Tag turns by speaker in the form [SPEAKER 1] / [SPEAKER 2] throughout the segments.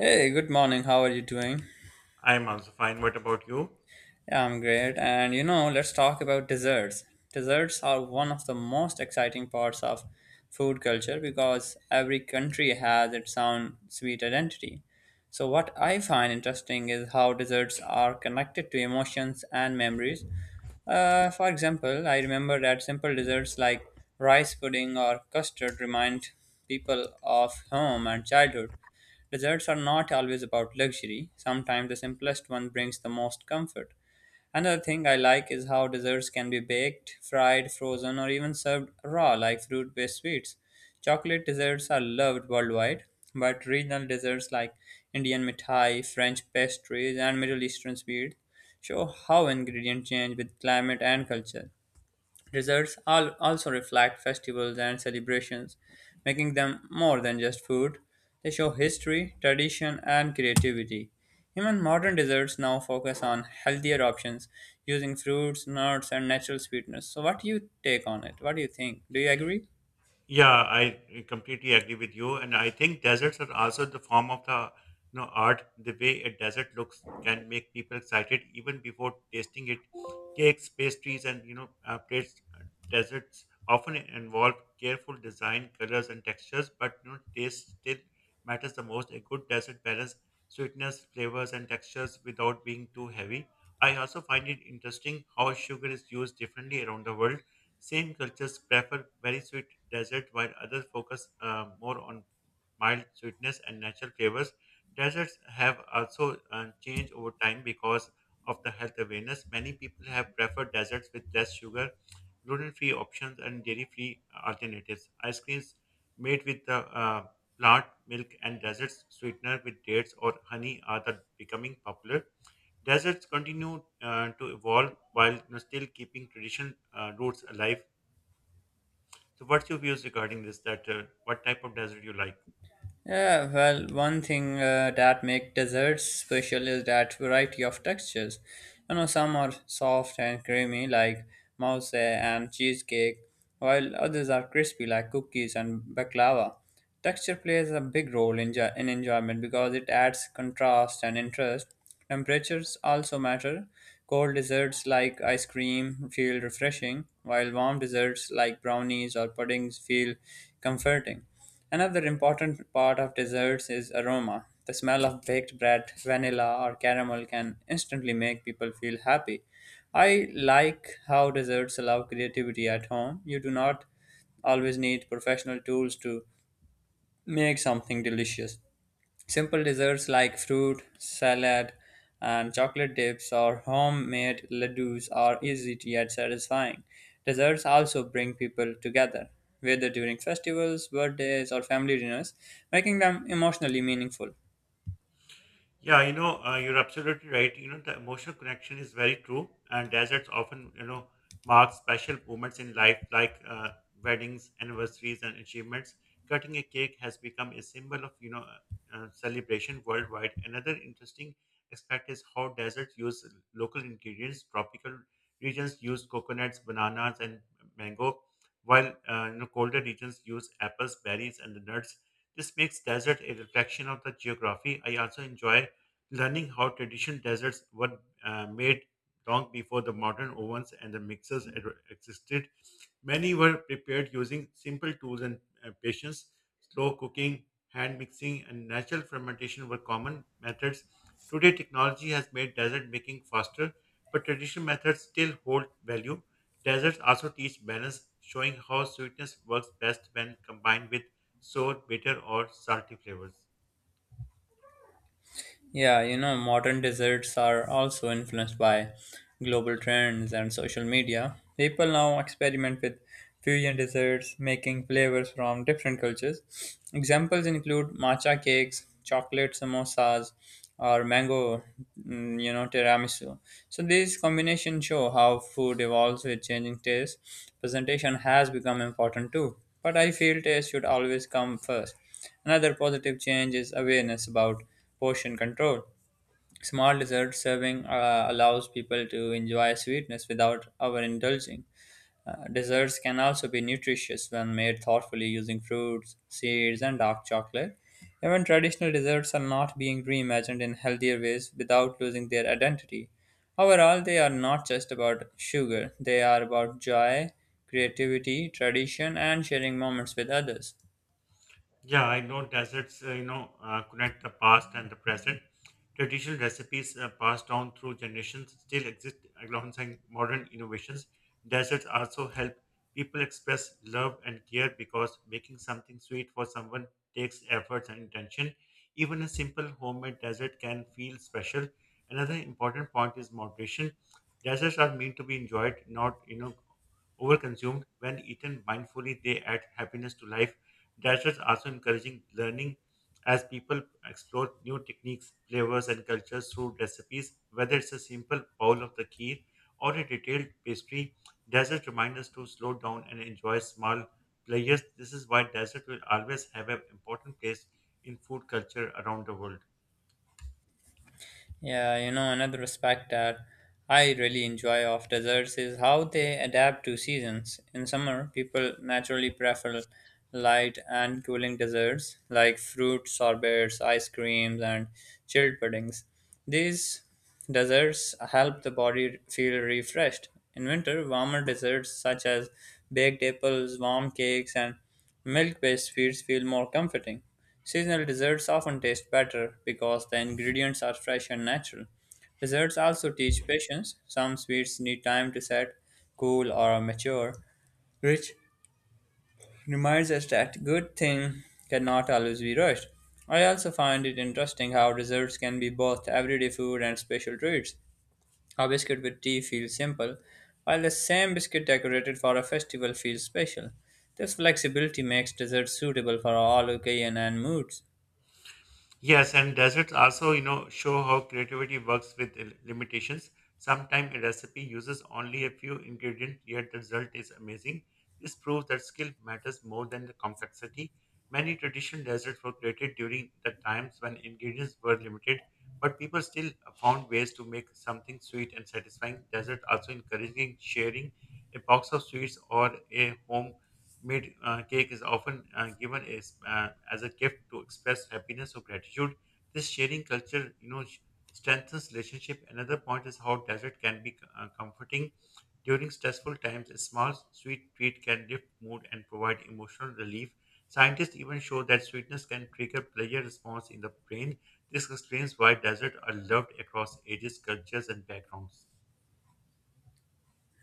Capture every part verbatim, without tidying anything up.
[SPEAKER 1] Hey, good morning. How are you doing?
[SPEAKER 2] I'm also fine. What about you?
[SPEAKER 1] Yeah, I'm great. And you know, let's talk about desserts. Desserts are one of the most exciting parts of food culture because every country has its own sweet identity. So, what I find interesting is how desserts are connected to emotions and memories. Uh, for example, I remember that simple desserts like rice pudding or custard remind people of home and childhood. Deserts are not always about luxury. Sometimes the simplest one brings the most comfort. Another thing I like is how desserts can be baked, fried, frozen, or even served raw like fruit based sweets. Chocolate desserts are loved worldwide, but regional desserts like Indian mithai, French pastries, and Middle Eastern sweets show how ingredients change with climate and culture. Desserts al- also reflect festivals and celebrations, making them more than just food. They show history, tradition, and creativity. Even modern desserts now focus on healthier options using fruits, nuts, and natural sweeteners. So, what do you take on it? What do you think? Do you agree?
[SPEAKER 2] Yeah, I completely agree with you, and I think deserts are also the form of the you know art. The way a desert looks can make people excited even before tasting it. Cakes, pastries, and you know uh, plates. Uh, Deserts often involve careful design, colors, and textures, but you know taste still matters the most. A good desert balances sweetness, flavors, and textures without being too heavy. I also find it interesting how sugar is used differently around the world. Some cultures prefer very sweet desserts while others focus uh, more on mild sweetness and natural flavors. Desserts have also uh, changed over time because of the health awareness. Many people have preferred desserts with less sugar, gluten-free options, and dairy-free alternatives. Ice creams made with the uh, plant milk and desserts sweetener with dates or honey are the becoming popular. Deserts continue uh, to evolve while still keeping tradition uh, roots alive. So, what's your views regarding this? That uh, what type of desert you like?
[SPEAKER 1] Yeah, well, one thing uh, that make desserts special is that variety of textures. You know, some are soft and creamy like mousse and cheesecake, while others are crispy like cookies and baklava. Texture plays a big role in, jo- in enjoyment because it adds contrast and interest. Temperatures also matter. Cold desserts like ice cream feel refreshing, while warm desserts like brownies or puddings feel comforting. Another important part of desserts is aroma. The smell of baked bread, vanilla, or caramel can instantly make people feel happy. I like how desserts allow creativity at home. You do not always need professional tools to make something delicious. Simple desserts like fruit, salad, and chocolate dips or homemade ladoos are easy to yet satisfying. Desserts also bring people together, whether during festivals, birthdays, or family dinners, making them emotionally meaningful.
[SPEAKER 2] Yeah, you know, uh, you're absolutely right. You know, the emotional connection is very true, and deserts often, you know, mark special moments in life, like uh, weddings, anniversaries, and achievements. Cutting a cake has become a symbol of, you know, uh, uh, celebration worldwide. Another interesting aspect is how deserts use local ingredients. Tropical regions use coconuts, bananas, and mango, while uh, you know, colder regions use apples, berries, and nuts. This makes desert a reflection of the geography. I also enjoy learning how traditional desserts were uh, made long before the modern ovens and the mixers ad- existed. Many were prepared using simple tools and uh, patience. Slow cooking, hand mixing, and natural fermentation were common methods. Today, technology has made dessert making faster, but traditional methods still hold value. Desserts also teach balance, showing how sweetness works best when combined with sour, bitter, or salty flavors.
[SPEAKER 1] Yeah, you know, modern desserts are also influenced by global trends and social media. People now experiment with fusion desserts, making flavors from different cultures. Examples include matcha cakes, chocolate samosas, or mango, mm, you know, tiramisu. So these combinations show how food evolves with changing tastes. Presentation has become important too, but I feel taste should always come first. Another positive change is awareness about portion control. Small dessert serving uh, allows people to enjoy sweetness without overindulging. Uh, desserts can also be nutritious when made thoughtfully using fruits, seeds, and dark chocolate. Even traditional desserts are not being reimagined in healthier ways without losing their identity. Overall, they are not just about sugar, they are about joy, creativity, tradition, and sharing moments with others.
[SPEAKER 2] Yeah, I know deserts, uh, you know, uh, connect the past and the present. Traditional recipes uh, passed down through generations still exist alongside modern innovations. Deserts also help people express love and care because making something sweet for someone takes efforts and intention. Even a simple homemade dessert can feel special. Another important point is moderation. Deserts are meant to be enjoyed, not, you know, overconsumed. When eaten mindfully, they add happiness to life. Dashers also encouraging learning as people explore new techniques, flavors, and cultures through recipes, whether it's a simple bowl of the kheer or a detailed pastry. Dessert remind us to slow down and enjoy small pleasures. This is why dessert will always have an important place in food culture around the world.
[SPEAKER 1] Yeah, you know, another aspect that I really enjoy of desserts is how they adapt to seasons. In summer, people naturally prefer light and cooling desserts like fruit sorbets, ice creams, and chilled puddings. These desserts help the body feel refreshed. In winter, warmer desserts such as baked apples, warm cakes, and milk-based sweets feel more comforting. Seasonal desserts often taste better because the ingredients are fresh and natural. Desserts also teach patience. Some sweets need time to set, cool, or mature, which reminds us that good things cannot always be rushed. I also find it interesting how desserts can be both everyday food and special treats. A biscuit with tea feels simple, while the same biscuit decorated for a festival feels special. This flexibility makes desserts suitable for all occasions and moods.
[SPEAKER 2] Yes, and deserts also, you know, show how creativity works with l- limitations. Sometimes a recipe uses only a few ingredients, yet the result is amazing. This proves that skill matters more than the complexity. Many traditional desserts were created during the times when ingredients were limited, but people still uh, found ways to make something sweet and satisfying. Desert also encouraging sharing a box of sweets or a home made uh, cake is often uh, given as, uh, as a gift to express happiness or gratitude. This sharing culture, you know, sh- strengthens relationship. Another point is how dessert can be uh, comforting during stressful times. A small sweet treat can lift mood and provide emotional relief. Scientists even show that sweetness can trigger pleasure response in the brain. This explains why desserts are loved across ages, cultures, and backgrounds.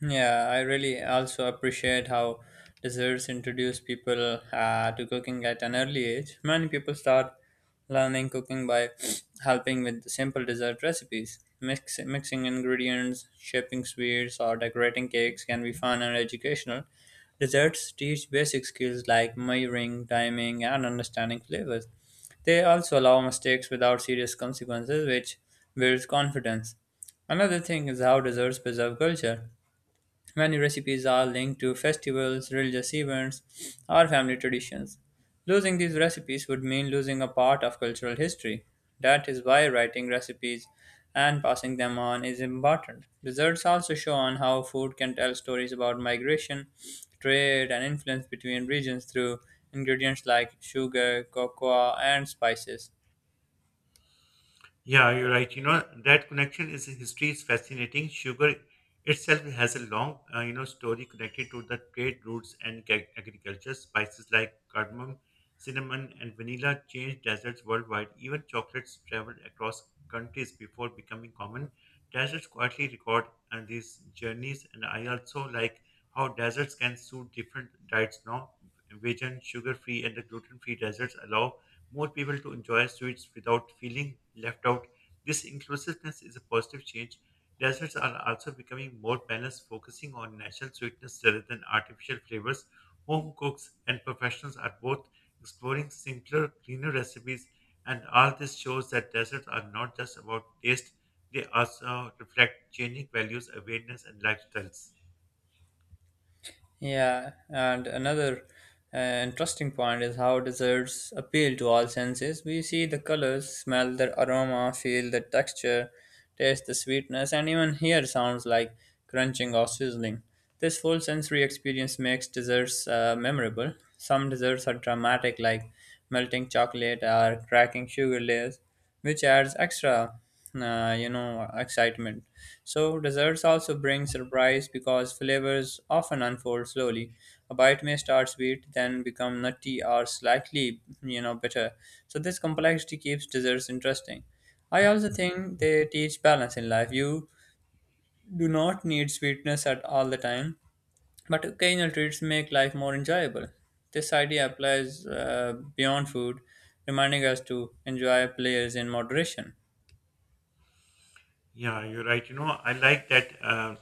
[SPEAKER 1] Yeah, I really also appreciate how desserts introduce people uh, to cooking at an early age. Many people start learning cooking by helping with simple dessert recipes. Mix, mixing ingredients, shaping sweets, or decorating cakes can be fun and educational. Desserts teach basic skills like measuring, timing, and understanding flavors. They also allow mistakes without serious consequences, which builds confidence. Another thing is how desserts preserve culture. Many recipes are linked to festivals, religious events, or family traditions. Losing these recipes would mean losing a part of cultural history. That is why writing recipes and passing them on is important. Results also show on how food can tell stories about migration, trade, and influence between regions through ingredients like sugar, cocoa, and spices.
[SPEAKER 2] Yeah, you're right. You know, that connection is history is fascinating. Sugar itself has a long, uh, you know, story connected to the trade routes and ag- agriculture. Spices like cardamom, cinnamon, and vanilla changed deserts worldwide. Even chocolates traveled across countries before becoming common. Deserts quietly record uh, these journeys, and I also like how deserts can suit different diets now. Vegan, sugar-free, and the gluten-free deserts allow more people to enjoy sweets without feeling left out. This inclusiveness is a positive change. Desserts are also becoming more balanced, focusing on natural sweetness rather than artificial flavors. Home cooks and professionals are both exploring simpler, cleaner recipes, and all this shows that desserts are not just about taste, they also reflect changing values, awareness, and lifestyles.
[SPEAKER 1] Yeah, and another uh, interesting point is how desserts appeal to all senses. We see the colors, smell the aroma, feel the texture, taste the sweetness, and even hear sounds like crunching or sizzling. This full sensory experience makes desserts uh, memorable. Some desserts are dramatic, like melting chocolate or cracking sugar layers, which adds extra uh, you know, excitement. So desserts also bring surprise because flavors often unfold slowly. A bite may start sweet, then become nutty or slightly, you know, bitter. So this complexity keeps desserts interesting. I also think they teach balance in life. You do not need sweetness at all the time, but occasional treats make life more enjoyable. This idea applies uh, beyond food, reminding us to enjoy pleasures in moderation.
[SPEAKER 2] Yeah, you're right. You know, I like that uh,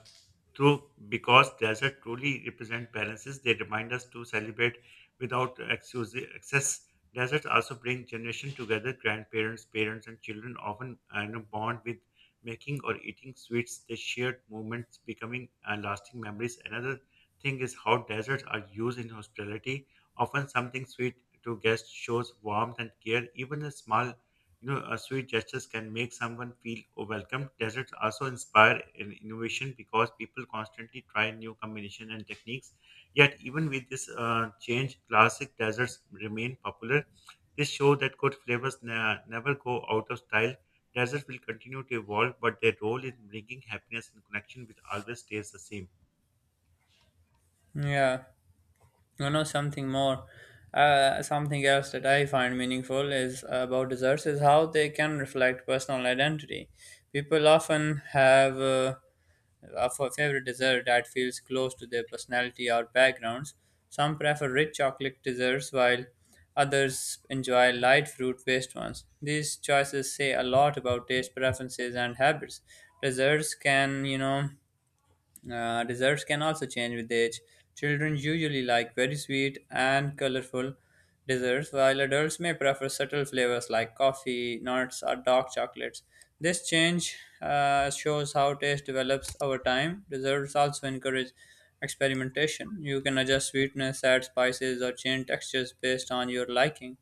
[SPEAKER 2] through because desert truly represent balances. They remind us to celebrate without excuse- excess. Deserts also bring generation together. Grandparents, parents, and children often uh, you know, bond with making or eating sweets. They shared moments becoming uh, lasting memories. Another thing is how deserts are used in hospitality. Often, something sweet to guests shows warmth and care. Even a small you know, uh, sweet gestures can make someone feel welcome. Deserts also inspire in innovation because people constantly try new combinations and techniques. Yet, even with this uh, change, classic desserts remain popular. This shows that good flavors ne- never go out of style. Desserts will continue to evolve, but their role in bringing happiness and connection will always stays the same.
[SPEAKER 1] Yeah, you know, something more, uh, something else that I find meaningful is about desserts is how they can reflect personal identity. People often have uh, a fa- favorite dessert that feels close to their personality or backgrounds. Some prefer rich chocolate desserts while others enjoy light fruit-based ones. These choices say a lot about taste preferences and habits. Desserts can, you know uh, Desserts can also change with age. Children usually like very sweet and colorful desserts, while adults may prefer subtle flavors like coffee, nuts, or dark chocolates. This change uh, shows how taste develops over time. Desserts also encourage experimentation. You can adjust sweetness, add spices, or change textures based on your liking.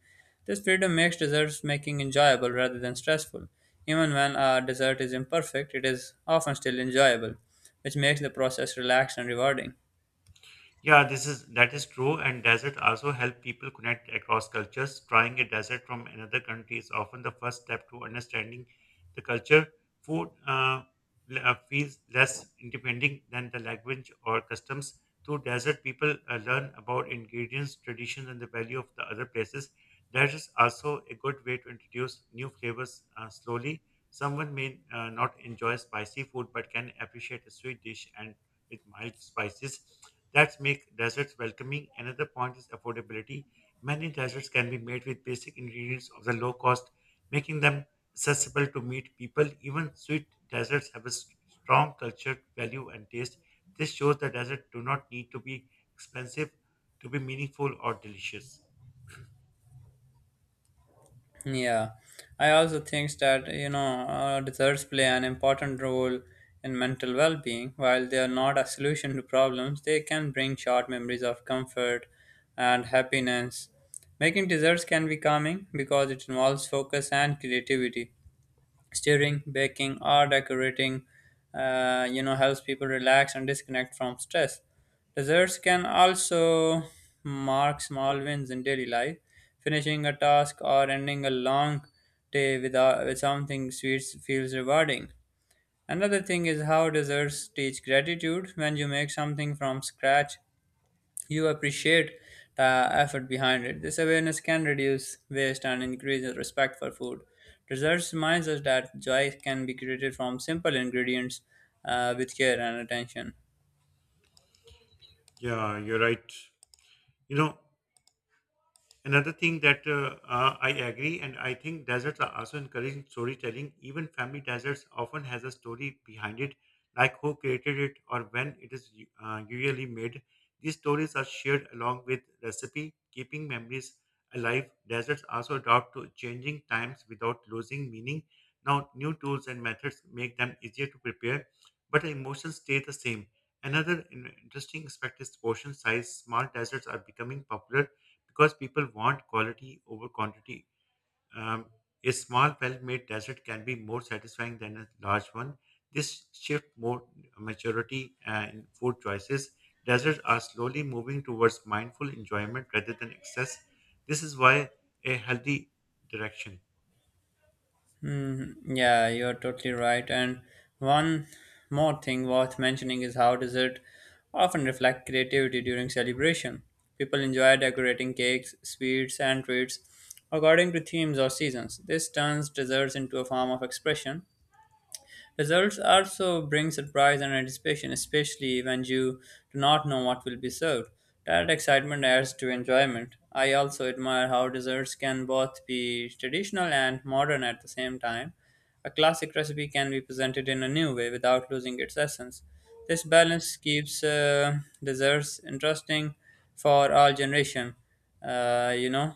[SPEAKER 1] This freedom makes desserts making enjoyable rather than stressful. Even when a dessert is imperfect, it is often still enjoyable, which makes the process relaxed and rewarding.
[SPEAKER 2] Yeah, this is that is true, and desert also help people connect across cultures. Trying a desert from another country is often the first step to understanding the culture. Food uh, l- uh, feels less independent than the language or customs. Through desert, people uh, learn about ingredients, traditions, and the value of the other places. That is also a good way to introduce new flavors uh, slowly. Someone may uh, not enjoy spicy food, but can appreciate a sweet dish and with mild spices. That's make desserts welcoming. Another point is affordability. Many desserts can be made with basic ingredients of the low cost, making them accessible to meet people. Even sweet desserts have a s- strong culture, value, and taste. This shows that desserts do not need to be expensive to be meaningful or delicious.
[SPEAKER 1] Yeah, I also think that you know uh, desserts play an important role in mental well-being. While they are not a solution to problems, they can bring short memories of comfort and happiness. Making desserts can be calming because it involves focus and creativity. Steering, baking, or decorating, uh, you know, helps people relax and disconnect from stress. Desserts can also mark small wins in daily life. Finishing a task or ending a long day without, with something sweet feels rewarding. Another thing is how desserts teach gratitude. When you make something from scratch, you appreciate the effort behind it. This awareness can reduce waste and increase respect for food. Desserts reminds us that joy can be created from simple ingredients uh, with care and attention.
[SPEAKER 2] Yeah, you're right. You know, another thing that uh, uh, I agree, and I think deserts are also encouraging storytelling. Even family deserts often has a story behind it, like who created it or when it is uh, usually made. These stories are shared along with recipe, keeping memories alive. Deserts also adapt to changing times without losing meaning. Now, new tools and methods make them easier to prepare, but emotions stay the same. Another in- interesting aspect is portion size. Small deserts are becoming popular because people want quality over quantity. Um, a small, well made dessert can be more satisfying than a large one. This shift more maturity uh, in food choices. Deserts are slowly moving towards mindful enjoyment rather than excess. This is why a healthy direction.
[SPEAKER 1] Hmm, yeah, you're totally right. And one more thing worth mentioning is how dessert often reflect creativity during celebration. People enjoy decorating cakes, sweets, and treats according to themes or seasons. This turns desserts into a form of expression. Results also bring surprise and anticipation, especially when you do not know what will be served. That excitement adds to enjoyment. I also admire how desserts can both be traditional and modern at the same time. A classic recipe can be presented in a new way without losing its essence. This balance keeps uh, desserts interesting for all generation. Uh, you know,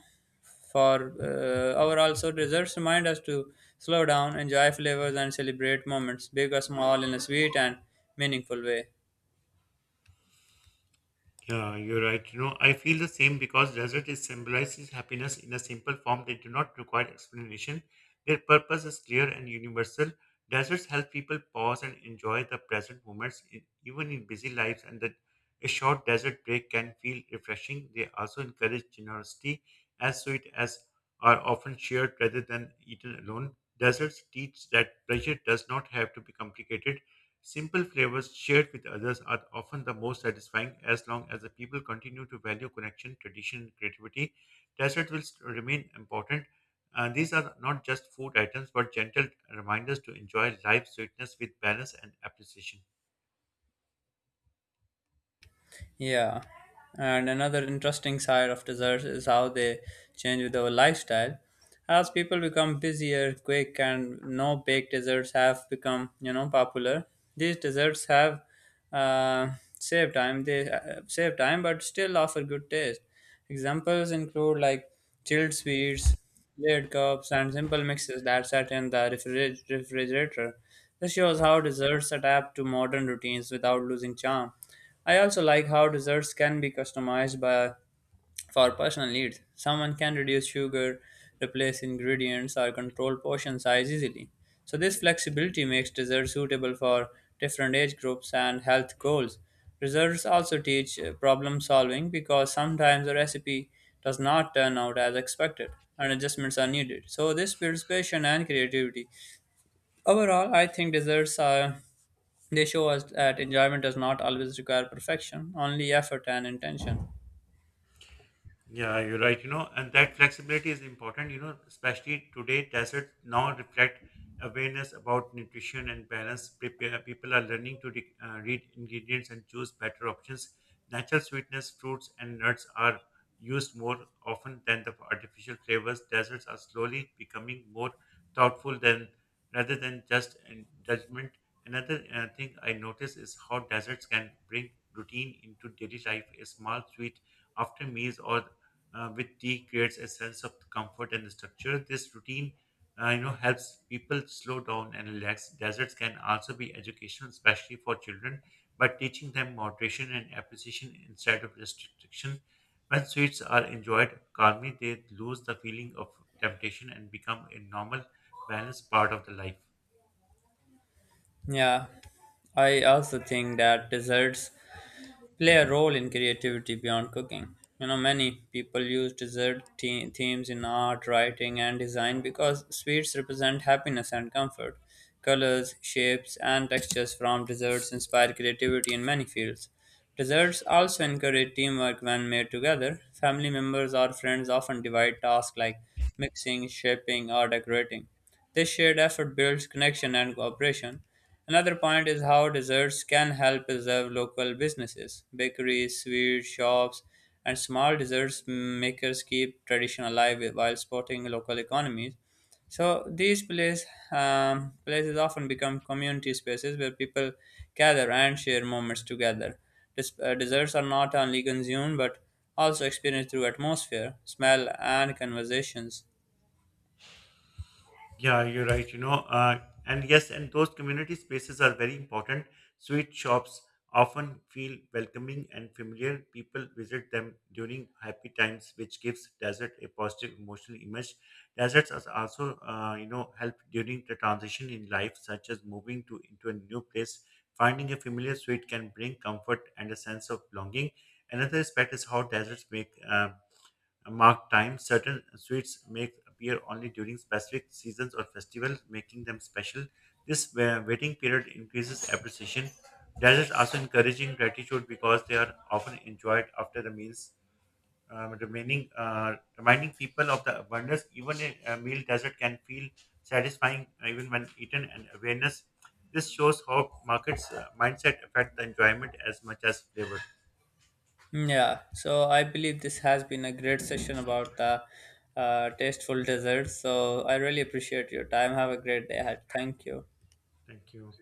[SPEAKER 1] for uh, Our also desserts remind us to slow down, enjoy flavors, and celebrate moments, big or small, in a sweet and meaningful way.
[SPEAKER 2] Yeah, you're right. You know, I feel the same because desert is symbolizes happiness in a simple form. They do not require explanation. Their purpose is clear and universal. Deserts help people pause and enjoy the present moments, in, even in busy lives. And that a short desert break can feel refreshing. They also encourage generosity, as sweet as are often shared rather than eaten alone. Deserts teach that pleasure does not have to be complicated. Simple flavors shared with others are often the most satisfying as long as the people continue to value connection, tradition, and creativity. Desserts will st- remain important. Uh, these are not just food items but gentle reminders to enjoy life's sweetness with balance and appreciation.
[SPEAKER 1] Yeah, and another interesting side of desserts is how they change with our lifestyle. As people become busier, quick and no bake desserts have become, you know, popular. These desserts have uh, saved time. They uh, save time, but still offer good taste. Examples include like chilled sweets, layered cups, and simple mixes that sat in the refriger- refrigerator. This shows how desserts adapt to modern routines without losing charm. I also like how desserts can be customized by for personal needs, someone can reduce sugar, replace ingredients, or control portion size easily. So, this flexibility makes desserts suitable for different age groups and health goals. Desserts also teach uh, problem solving because sometimes a recipe does not turn out as expected and adjustments are needed. So, this builds patience and creativity. Overall, I think desserts are they show us that enjoyment does not always require perfection, only effort and intention.
[SPEAKER 2] Yeah, you're right. You know, and that flexibility is important, you know, especially today, deserts now reflect awareness about nutrition and balance. Prepare, people are learning to re- uh, read ingredients and choose better options. Natural sweetness, fruits, and nuts are used more often than the artificial flavors. Desserts are slowly becoming more thoughtful than rather than just in judgment. Another uh, thing I notice is how deserts can bring routine into daily life. A small sweet after meals or uh, with tea creates a sense of comfort and structure. This routine, uh, you know, helps people slow down and relax. Deserts can also be educational, especially for children, by teaching them moderation and appreciation instead of restriction. When sweets are enjoyed calmly, they lose the feeling of temptation and become a normal, balanced part of the life.
[SPEAKER 1] Yeah, I also think that desserts play a role in creativity beyond cooking. You know, many people use dessert the- themes in art, writing, and design because sweets represent happiness and comfort. Colors, shapes, and textures from desserts inspire creativity in many fields. Desserts also encourage teamwork when made together. Family members or friends often divide tasks like mixing, shaping, or decorating. This shared effort builds connection and cooperation. Another point is how desserts can help preserve local businesses. Bakeries, sweet shops, and small desserts makers keep tradition alive while supporting local economies. So these place, um, places often become community spaces where people gather and share moments together. Des- uh, desserts are not only consumed but also experienced through atmosphere, smell, and conversations.
[SPEAKER 2] Yeah, you're right. You know, uh, and yes, and those community spaces are very important. Sweet shops often feel welcoming and familiar. People visit them during happy times, which gives desert a positive emotional image. Deserts are also, uh, you know, help during the transition in life, such as moving to into a new place. Finding a familiar suite can bring comfort and a sense of belonging. Another aspect is how deserts make uh, marked time. Certain sweets may appear only during specific seasons or festivals, making them special. This wa- waiting period increases appreciation. Desserts also encouraging gratitude because they are often enjoyed after the meals, um, remaining uh, reminding people of the abundance. Even a, a meal dessert can feel satisfying uh, even when eaten, and awareness. This shows how markets uh, mindset affect the enjoyment as much as flavor.
[SPEAKER 1] Yeah, so I believe this has been a great session about the uh, tasteful desserts. So I really appreciate your time. Have a great day ahead. Thank you.
[SPEAKER 2] Thank you.